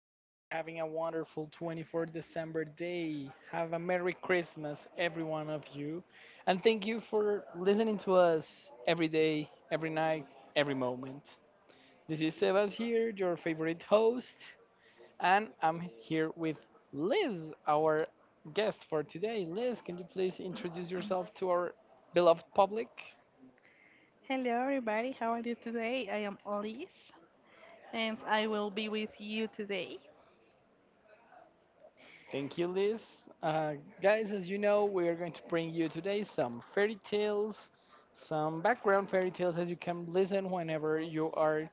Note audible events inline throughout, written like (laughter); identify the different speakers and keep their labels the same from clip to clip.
Speaker 1: I hope you're having a wonderful 24th December day. Have a Merry Christmas, every one of you. And thank you for listening to us every day, every night, every moment. This is Sebas here, your favorite host. And I'm here with Liz, our guest for today. Liz, can you please introduce yourself to our beloved public?
Speaker 2: Hello, everybody. How are you today? I am Elise, and I will be with you today.
Speaker 1: Thank you, Liz. Uh, guys, as you know, we are going to bring you today some fairy tales, some background fairy tales that you can listen whenever you are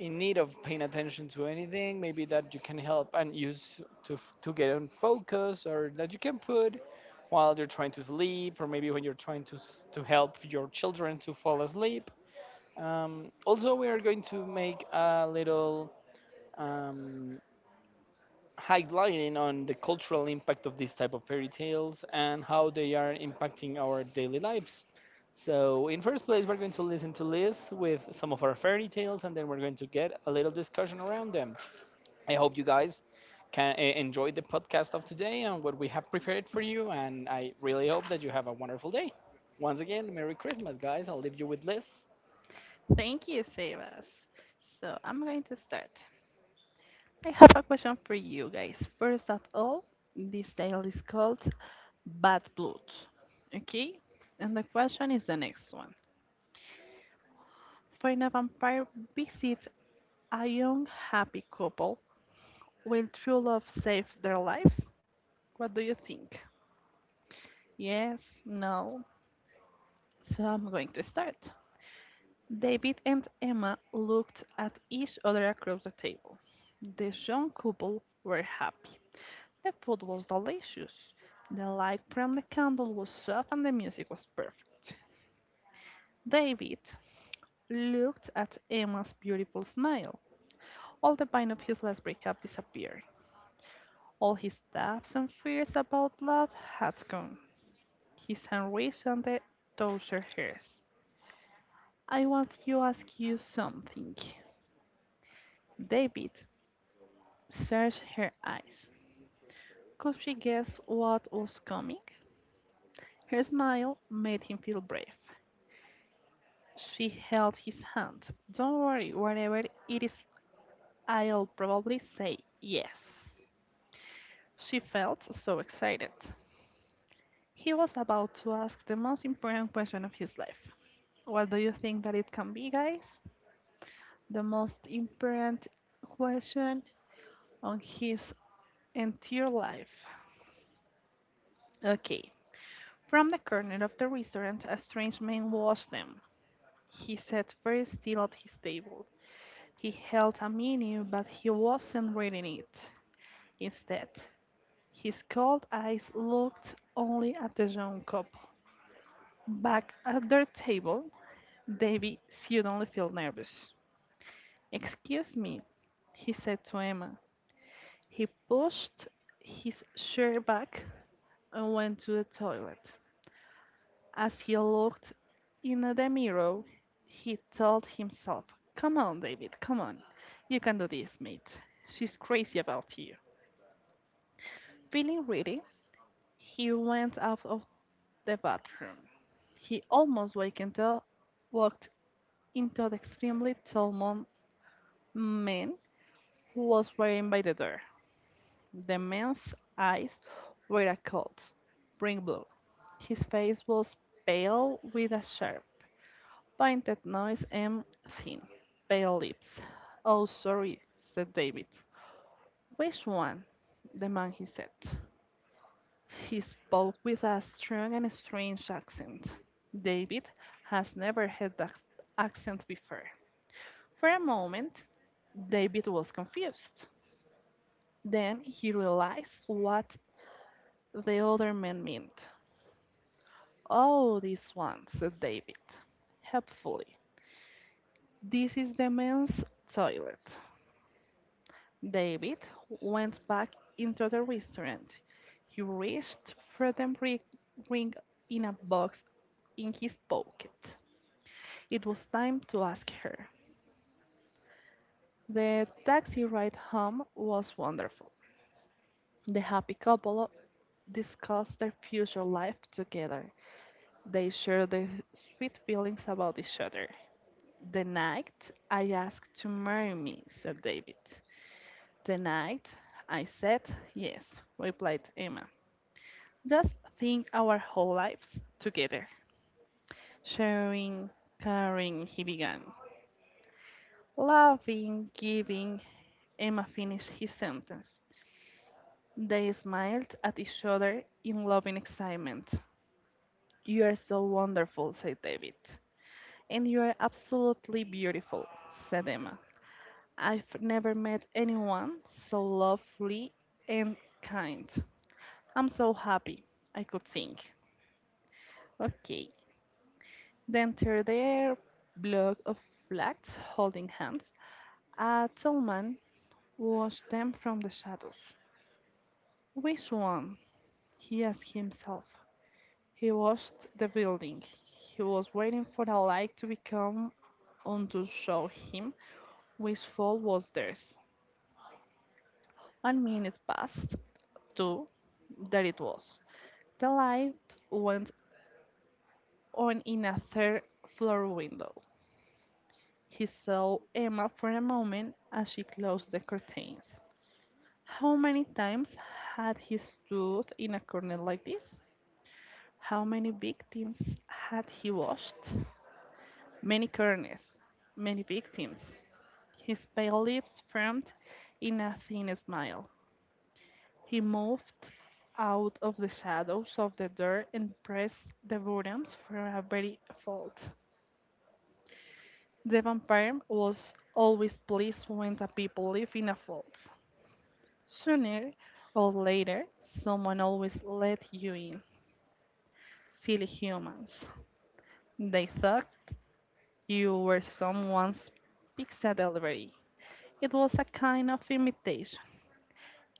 Speaker 1: in need of paying attention to anything. Maybe that you can help and use to, to get on focus, or that you can put while you're trying to sleep, or maybe when you're trying to, to help your children to fall asleep. Also, we are going to make a little. Um, Highlighting on the cultural impact of these type of fairy tales and how they are impacting our daily lives. So, in first place, we're going to listen to Liz with some of our fairy tales, and then we're going to get a little discussion around them. I hope you guys can enjoy the podcast of today and what we have prepared for you, and I really hope that you have a wonderful day. Once again, Merry Christmas, guys! I'll leave you with Liz.
Speaker 2: Thank you, Sebas. So, I'm going to start. I have a question for you guys. First of all, this tale is called Bad Blood. Okay? And the question is the next one. When a vampire visits a young happy couple, will true love save their lives? What do you think? Yes, no. So I'm going to start. David and Emma looked at each other across the table. The young couple were happy. The food was delicious. The light from the candle was soft and the music was perfect. David looked at Emma's beautiful smile. All the pain of his last breakup disappeared. All his doubts and fears about love had gone. His hand reached on the touched hers. I want to ask you something. David searched her eyes. Could she guess what was coming? Her smile made him feel brave. She held his hand. Don't worry, whatever it is, I'll probably say yes. She felt so excited. He was about to ask the most important question of his life. What do you think that it can be, guys? The most important question on his entire life. Okay. From the corner of the restaurant, a strange man watched them. He sat very still at his table. He held a menu, but he wasn't reading it. Instead, his cold eyes looked only at the young couple. Back at their table, Davy suddenly felt nervous. Excuse me, he said to Emma. He pushed his chair back and went to the toilet. As he looked in the mirror, he told himself, come on, David, come on. You can do this, mate. She's crazy about you. Feeling ready, he went out of the bathroom. He almost wakened walked into the extremely tall man who was waiting by the door. The man's eyes were a cold, brim blue. His face was pale with a sharp, painted nose and thin, pale lips. Oh, sorry, said David. Which one? The man he said. He spoke with a strong and strange accent. David has never heard that accent before. For a moment, David was confused. Then he realized what the other man meant. Oh, this one, said David, helpfully. This is the men's toilet. David went back into the restaurant. He reached for the ring in a box in his pocket. It was time to ask her. The taxi ride home was wonderful. The happy couple discussed their future life together. They shared their sweet feelings about each other. The night I asked to marry me, said David. The night I said yes, replied Emma. Just think our whole lives together. Sharing, caring, he began. Loving, giving, Emma finished his sentence. They smiled at each other in loving excitement. You are so wonderful, said David. And you are absolutely beautiful, said Emma. I've never met anyone so lovely and kind. I'm so happy. I could think. Okay. They entered their block of flats holding hands. A tall man watched them from the shadows. Which one? He asked himself. He watched the building. He was waiting for a light to become on to show him which fault was theirs. One minute passed, two, there it was. The light went on in a third floor window. He saw Emma for a moment as she closed the curtains. How many times had he stood in a corner like this? How many victims had he washed? Many corners, many victims. His pale lips firmed in a thin smile. He moved out of the shadows of the door and pressed the buttons for a very fault. The vampire was always pleased when the people live in a fault. Sooner or later, someone always let you in. Silly humans. They thought you were someone's pizza delivery. It was a kind of imitation,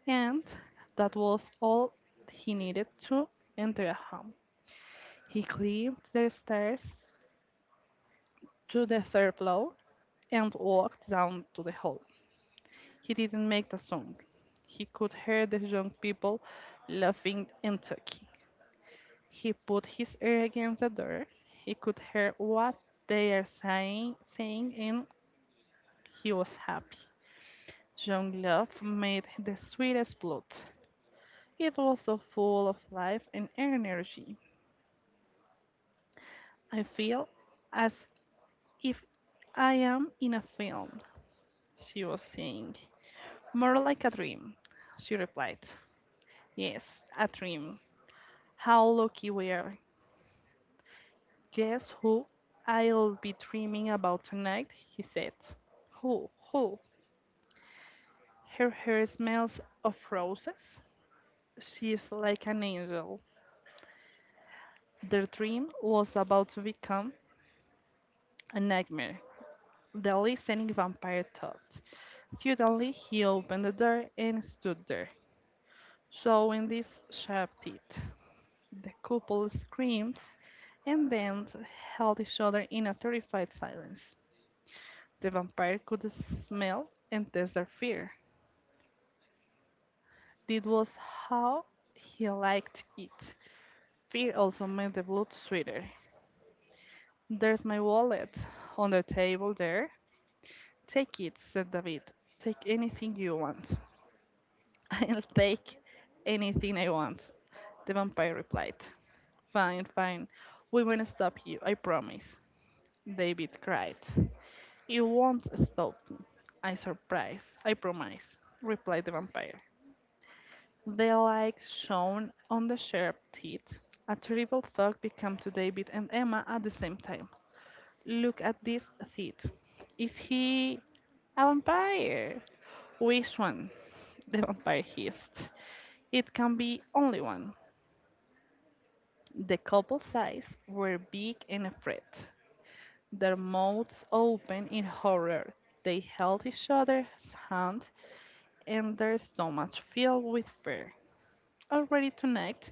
Speaker 2: and that was all he needed to enter a home. He climbed the stairs to the third floor and walked down to the hall. He didn't make a sound. He could hear the young people laughing and talking. He put his ear against the door. He could hear what they are saying in He was happy. Young love made the sweetest blood. It was so full of life and energy. I feel as if I am in a film, she was saying. More like a dream, she replied. Yes, a dream. How lucky we are. Guess who I'll be dreaming about tonight, he said. Who? Her hair smells of roses. She is like an angel. Their dream was about to become a nightmare, the listening vampire thought. Suddenly, he opened the door and stood there, showing these sharp teeth. The couple screamed and then held each other in a terrified silence. The vampire could smell and taste their fear. This was how he liked it. Fear also made the blood sweeter. There's my wallet on the table there, take it, said David. Take anything you want. (laughs) I'll take anything I want, the vampire replied. Fine, fine. We won't stop you, I promise, David cried. You won't stop me. I surprise, I promise, replied the vampire. The light shone on the sharp teeth. A terrible thought became to David and Emma at the same time. Look at this teeth. Is he a vampire? Which one? The vampire hissed. It can be only one. The couple's eyes were big and afraid, their mouths open in horror. They held each other's hand and their stomachs filled with fear. Already tonight,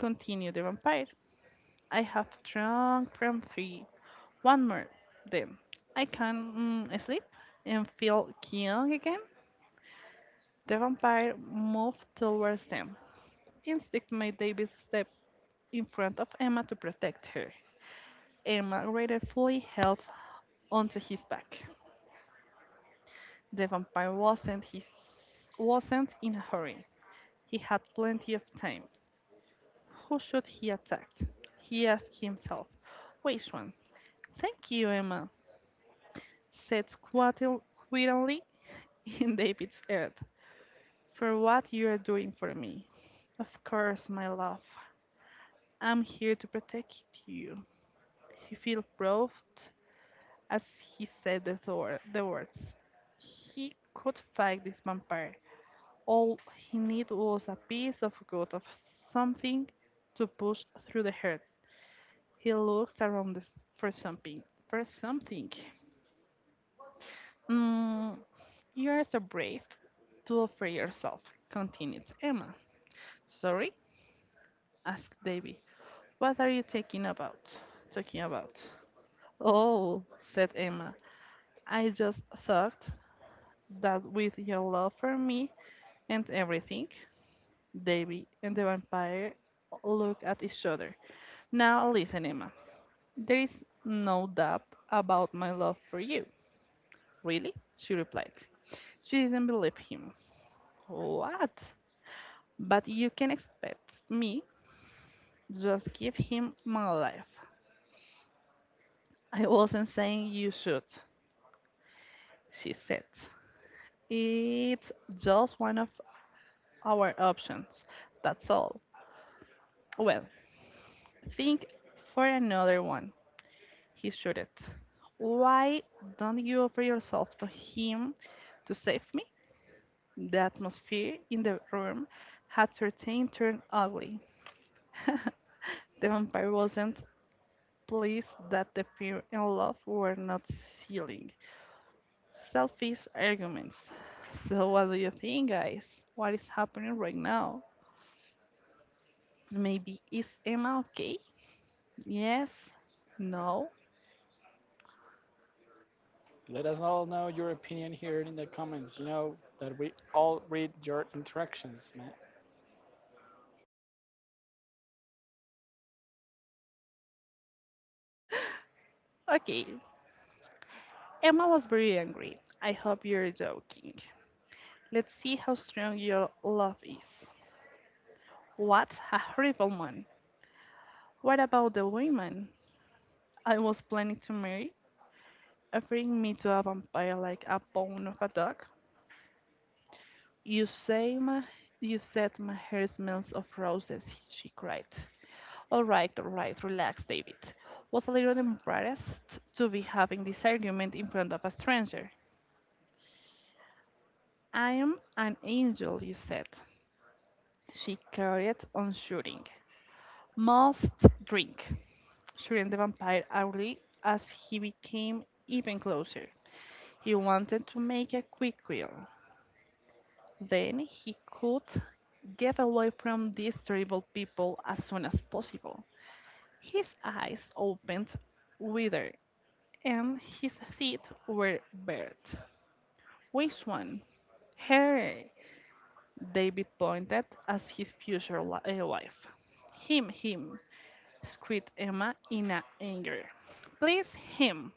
Speaker 2: continued the vampire, I have drunk from three. One more, then I can sleep and feel young again. The vampire moved towards them. Instinct made David step in front of Emma to protect her. Emma gratefully held onto his back. The vampire wasn't in a hurry. He had plenty of time. Who should he attack? He asked himself. Which one? Thank you, Emma, said quietly in (laughs) David's ear, for what you are doing for me. Of course, my love. I'm here to protect you. He felt proud as he said the words, he could fight this vampire. All he needed was a piece of good of something to push through the herd. He looked around for something. For something. Mm, you are so brave to offer yourself, continued Emma. Sorry? Asked Davy. What are you talking about? Talking about? Oh, said Emma. I just thought that with your love for me, and everything, Davy and the vampire look at each other. Now listen, Emma. There is no doubt about my love for you. Really? She replied. She didn't believe him. What? But you can expect me just give him my life. I wasn't saying you should, she said. It's just one of our options. That's all. Well, think for another one. He shouldn't. Why don't you offer yourself to him to save me? The atmosphere in the room had certainly turned ugly. (laughs) the vampire wasn't pleased that the fear and love were not sealing. Selfish arguments. So, what do you think, guys? What is happening right now? Maybe is Emma okay? Yes? No?
Speaker 1: Let us all know your opinion here in the comments. You know that we all read your interactions, man.
Speaker 2: Okay. Emma was very angry. I hope you're joking. Let's see how strong your love is. What a horrible man. What about the women I was planning to marry? Offering me to a vampire like a bone of a dog? You say my you said my hair smells of roses, she cried. All right, relax, David. Was a little embarrassed to be having this argument in front of a stranger. I am an angel, you said. She carried on shooting. Must drink. Shirin the vampire hourly as he became even closer. He wanted to make a quick kill. Then he could get away from these terrible people as soon as possible. His eyes opened wider and his teeth were bared. Which one? Her! David pointed at his future wife. Him, him, screamed Emma in a anger. Please, him!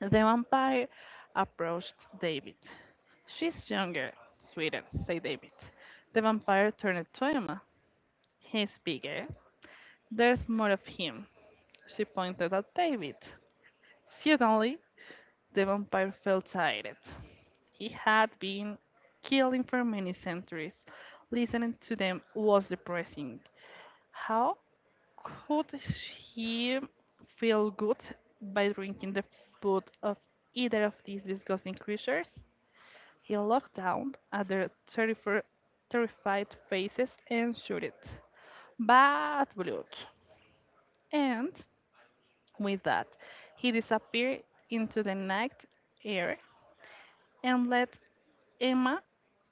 Speaker 2: The vampire approached David. She's younger, sweeter, said David. The vampire turned to Emma. He's bigger. There's more of him. She pointed at David. Suddenly, the vampire felt tired. He had been killing for many centuries. Listening to them was depressing. How could he feel good by drinking the blood of either of these disgusting creatures? He looked down at their terrified faces and shouted, bad blood! And with that, he disappeared into the night air and left Emma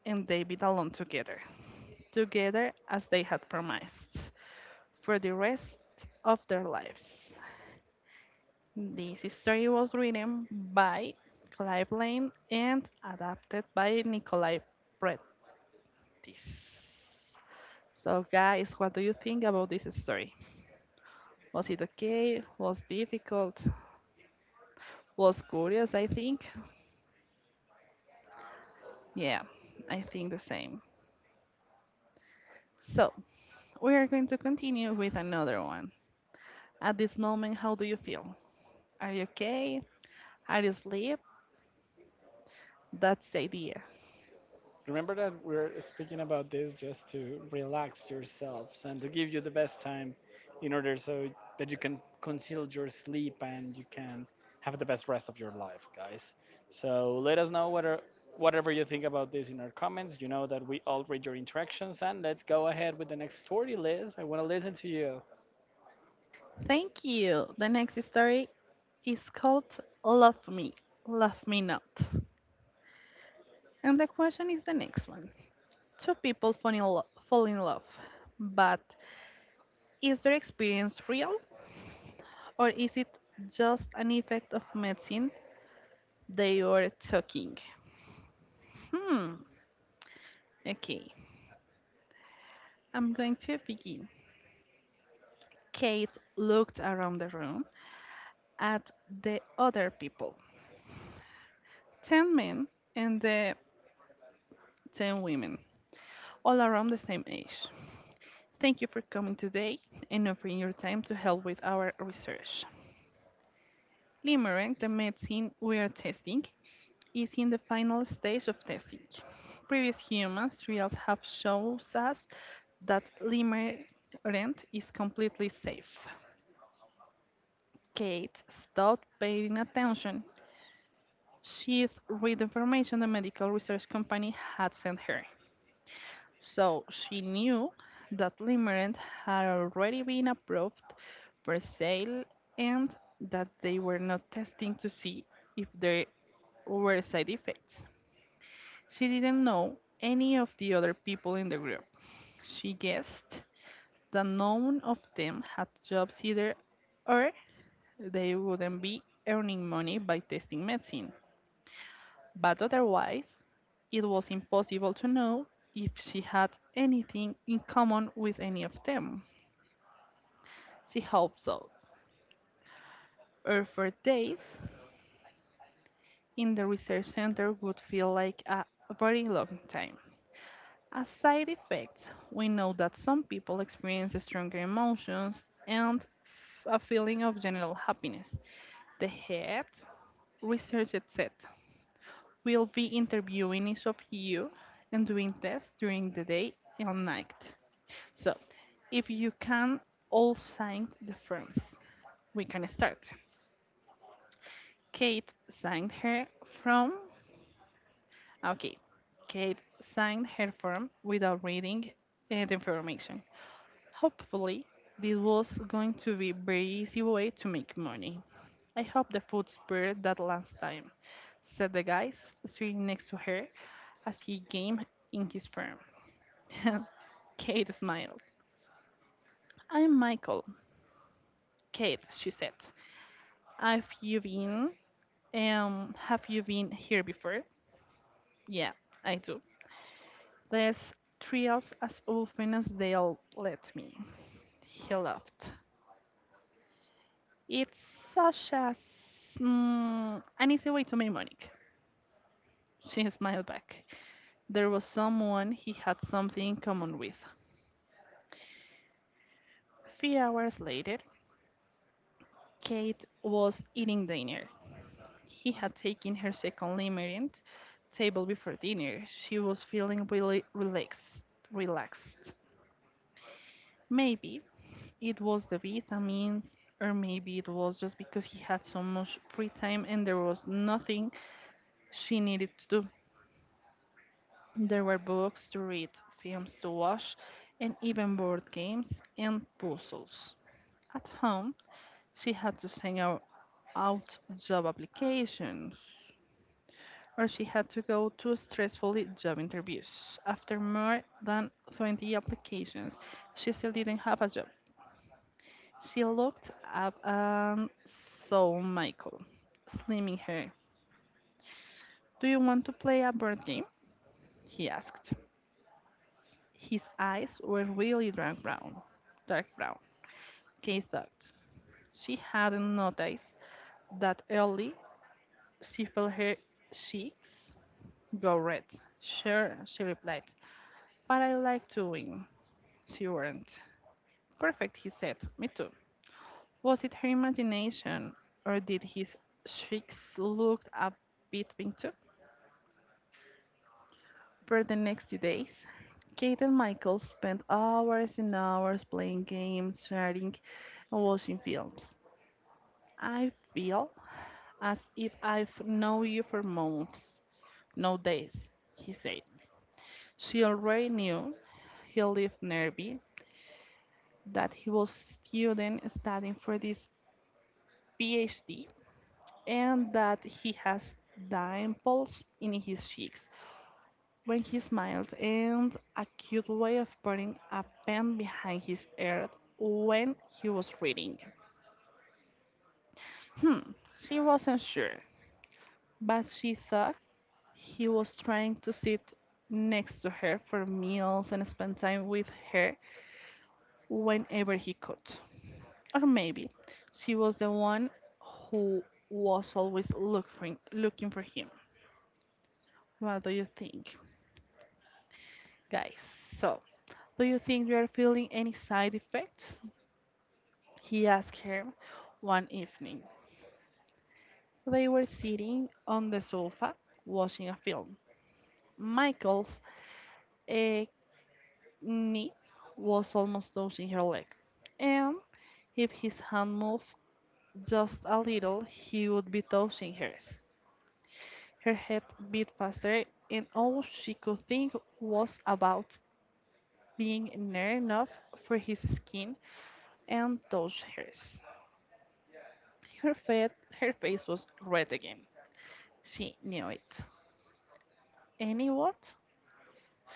Speaker 2: and David alone together, together as they had promised, for the rest of their lives. This story was written by Clive Lane and adapted by Nikolai Pretis. So, guys, what do you think about this story? Was it okay? Was difficult? Was curious, I think? Yeah, I think the same. So, we are going to continue with another one. At this moment, how do you feel? Are you okay? Are you asleep? That's the idea.
Speaker 1: Remember that we're speaking about this just to relax yourselves and to give you the best time in order so that you can conceal your sleep and you can have the best rest of your life, guys. So let us know what are, whatever you think about this in our comments. You know that we all read your interactions and let's go ahead with the next story, Liz. I want to listen to you.
Speaker 2: Thank you. The next story is called Love Me, Love Me Not. And the question is the next one. Two people fall in, fall in love, but is their experience real? Or is it just an effect of medicine they were talking? Hmm. Okay, I'm going to begin. Kate looked around the room at the other people. 10 men and the 10 women, all around the same age. Thank you for coming today and offering your time to help with our research. Limerick, the medicine we are testing, is in the final stage of testing. Previous human trials have shown us that limerent is completely safe. Kate stopped paying attention. She'd read the information the medical research company had sent her. So she knew that limerent had already been approved for sale and that they were not testing to see if there were side effects. She didn't know any of the other people in the group. She guessed that none of them had jobs either, or they wouldn't be earning money by testing medicine. But otherwise, it was impossible to know if she had anything in common with any of them. She hoped so. Her 4 days in the research center would feel like a very long time. As side effects, we know that some people experience stronger emotions and a feeling of general happiness. The head research said will be interviewing each of you and doing tests during the day and night. So, if you can all sign the firms, we can start. Kate signed her form. Okay, Kate signed her form without reading the information. Hopefully, this was going to be very easy way to make money. I hope the food spared that last time, said the guy sitting next to her as he came in his firm. (laughs) Kate smiled. I'm Michael. Kate, she said. Have you been have you been here before? Yeah, I do. There's trials as often as they'll let me. He laughed. It's such a an easy way to make money. She smiled back. There was someone he had something in common with. 3 hours later, Kate was eating dinner. He had taken her second limited table before dinner. She was feeling really relaxed. Relaxed. Maybe it was the vitamins, or maybe it was just because he had so much free time and there was nothing she needed to do. There were books to read, films to watch, and even board games and puzzles. At home, she had to send out job applications, or she had to go to stressful job interviews. After more than 20 applications, she still didn't have a job. She looked up and saw Michael, slimming her. Do you want to play a board game? He asked. His eyes were really dark brown. Dark brown. Kay thought. She hadn't noticed that early she felt her cheeks go red. Sure, she replied, but I like to win. She warned. Perfect, he said. Me too. Was it her imagination, or did his cheeks look a bit pink too? For the next 2 days, Kate and Michael spent hours and hours playing games, chatting, and watching films. I feel as if I've known you for months, no days, he said. She already knew he lived nearby, that he was a student studying for this PhD, and that he has dimples in his cheeks when he smiles and a cute way of putting a pen behind his ear when he was reading. Hmm, she wasn't sure, but she thought he was trying to sit next to her for meals and spend time with her whenever he could. Or maybe she was the one who was always looking for him. What do you think, guys? So, do you think you are feeling any side effects? He asked her one evening. They were sitting on the sofa watching a film. Michael's uh, knee was almost touching her leg, and if his hand moved just a little, he would be touching hers. Her head beat faster, and all she could think was about being near enough for his skin and touch hers. Her, her face was red again. She knew it. Any what?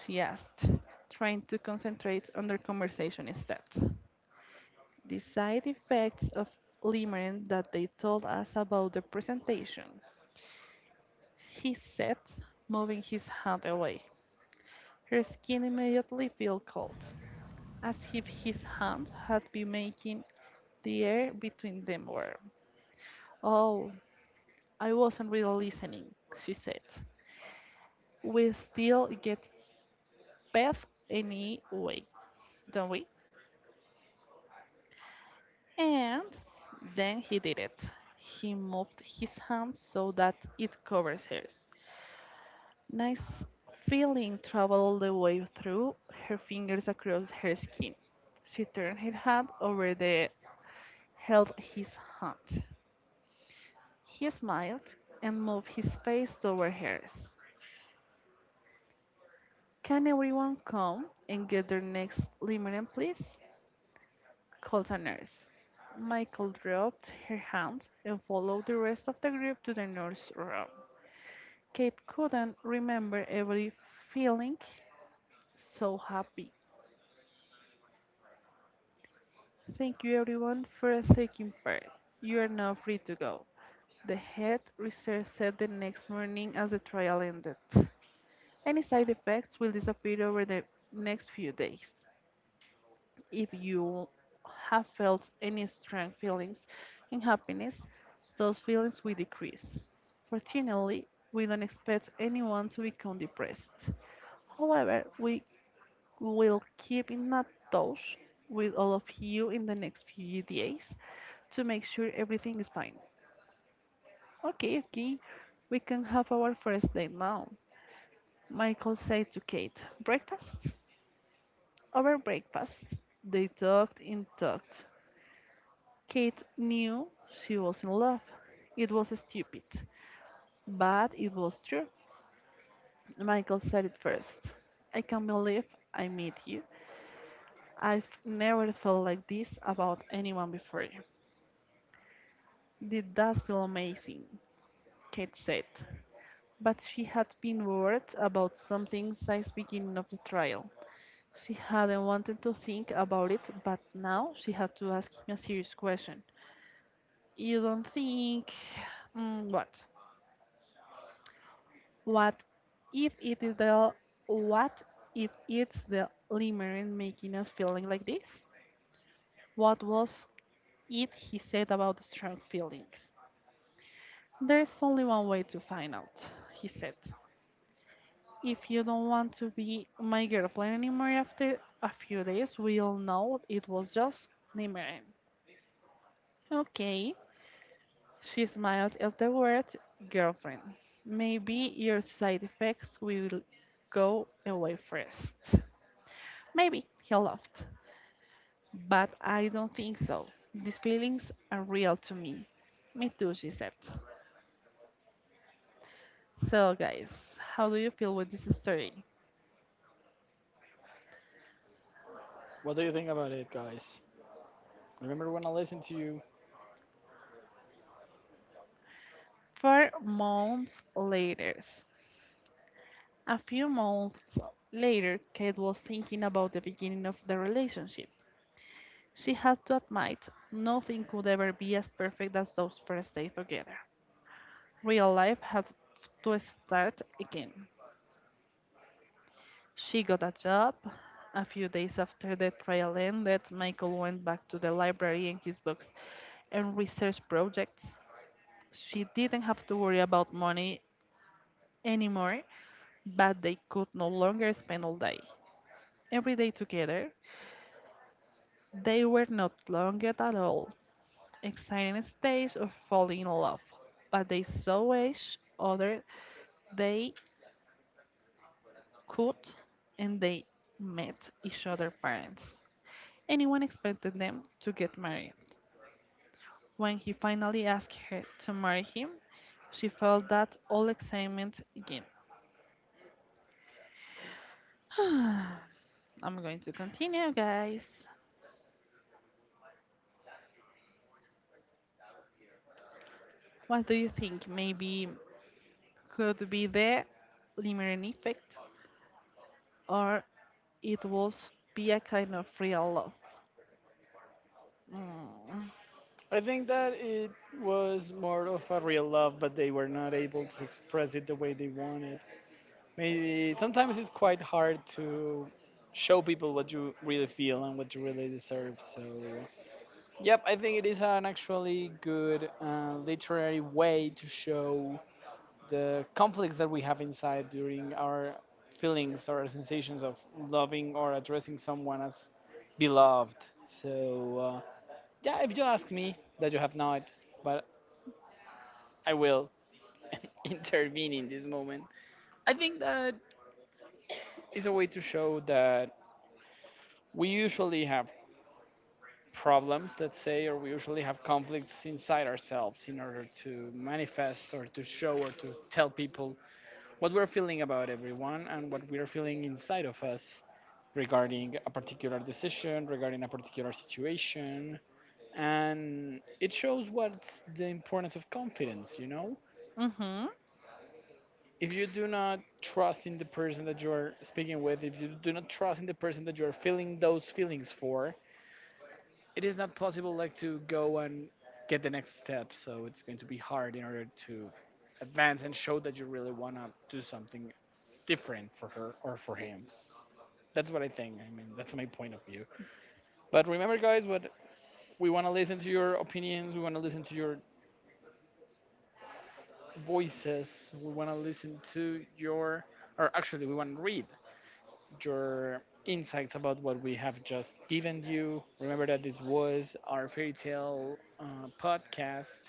Speaker 2: She asked, trying to concentrate on their conversation instead. The side effects of Limerence that they told us about the presentation. He said, moving his hand away. Her skin immediately felt cold, as if his hand had been making the air between them warm. Oh, I wasn't really listening, she said. We still get paid anyway, don't we? And then he did it. He moved his hand so that it covers hers. Nice feeling traveled the way through her fingers across her skin. She turned her hand over the held his hand. He smiled and moved his face toward hers. Can everyone come and get their next limerent, please? Called a nurse. Michael dropped her hand and followed the rest of the group to the nurse room. Kate couldn't remember every feeling so happy. Thank you everyone for taking part. You are now free to go. The head research said the next morning as the trial ended. Any side effects will disappear over the next few days. If you have felt any strong feelings and happiness, those feelings will decrease. Fortunately, we don't expect anyone to become depressed. However, we'll keep in a touch with all of you in the next few days to make sure everything is fine. Okay, okay. We can have our first date now. Michael said to Kate, breakfast? Over breakfast, they talked and talked. Kate knew she was in love. It was stupid, but it was true. Michael said it first. I can't believe I met you. I've never felt like this about anyone before. It does feel amazing, Kate said. But she had been worried about something since beginning of the trial. She hadn't wanted to think about it, but now she had to ask him a serious question. You don't think... what? What if it is what if it's the limerence making us feeling like this? What was it he said about strong feelings? There's only one way to find out, he said. If you don't want to be my girlfriend anymore after a few days, we'll know it was just nimmering. Okay. She smiled at the word girlfriend. Maybe your side effects will go away first. Maybe, he laughed. But I don't think so. These feelings are real to me. Me too, she said. So, guys, how do you feel with this story?
Speaker 1: What do you think about it, guys? Remember when I listened to you?
Speaker 2: 4 months later. A few months later, Kate was thinking about the beginning of the relationship. She had to admit nothing could ever be as perfect as those first days together. Real life had to start again. She got a job. A few days after the trial ended, Michael went back to the library and his books and research projects. She didn't have to worry about money anymore, but they could no longer spend all day, every day together. They were not long at all, exciting stage of falling in love, but they saw each other they could and they met each other's parents. Anyone expected them to get married. When he finally asked her to marry him, she felt that all excitement again. (sighs) I'm going to continue, guys. What do you think? Maybe could be the Limerian effect? Or it was be a kind of real love. Mm.
Speaker 1: I think that it was more of a real love, but they were not able to express it the way they wanted. Maybe sometimes it's quite hard to show people what you really feel and what you really deserve. So, yep, I think it is an actually good literary way to show the conflicts that we have inside during our feelings or our sensations of loving or addressing someone as beloved. So, yeah, if you ask me, that you have not, but I will (laughs) intervene in this moment. I think that is a way to show that we usually have problems, let's say, or we usually have conflicts inside ourselves in order to manifest or to show or to tell people what we're feeling about everyone and what we're feeling inside of us regarding a particular decision, regarding a particular situation. And it shows what's the importance of confidence, you know?
Speaker 2: hmm
Speaker 1: If you do not trust in the person that you're speaking with, if you do not trust in the person that you're feeling those feelings for, it is not possible like to go and get the next step, so it's going to be hard in order to advance and show that you really want to do something different for her or for him. That's what I think. I mean, that's my point of view. But remember, guys, what we want to listen to your opinions, we want to listen to your voices, we want to listen to your, or actually, we want to read your insights about what we have just given you. Remember that this was our fairy tale podcast.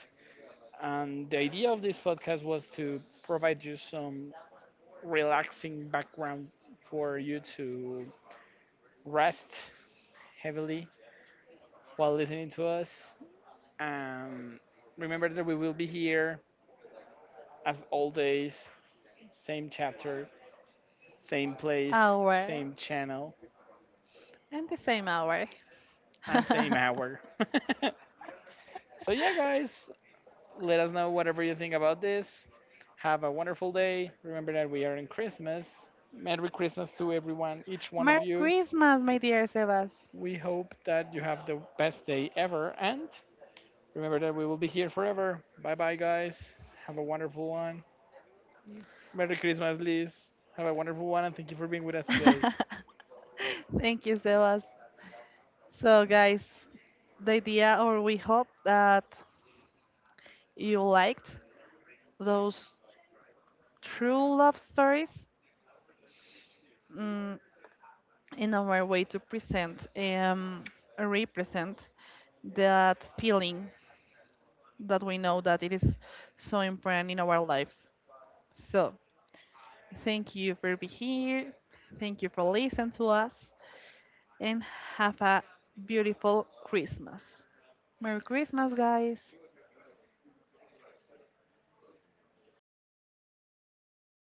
Speaker 1: And the idea of this podcast was to provide you some relaxing background for you to rest heavily while listening to us. Um, Remember that we will be here as always, same chapter, same place,
Speaker 2: Hour
Speaker 1: same channel,
Speaker 2: and the same hour.
Speaker 1: and
Speaker 2: (laughs)
Speaker 1: same hour. (laughs) So, yeah, guys, let us know whatever you think about this. Have a wonderful day. Remember that we are in Christmas. Merry Christmas to everyone, each one of
Speaker 2: Merry
Speaker 1: you.
Speaker 2: Christmas, my dear Sebas.
Speaker 1: We hope that you have the best day ever. And remember that we will be here forever. Bye bye, guys. Have a wonderful one. Merry Christmas, Liz. Have a wonderful one, and thank you for being with us today.
Speaker 2: (laughs) Thank you, Sebas. So, guys, the idea, or we hope that you liked those true love stories. Mm, in our way to present represent that feeling that we know that it is so important in our lives, so thank you for being here, thank you for listening to us, and have a beautiful Christmas. Merry Christmas, guys.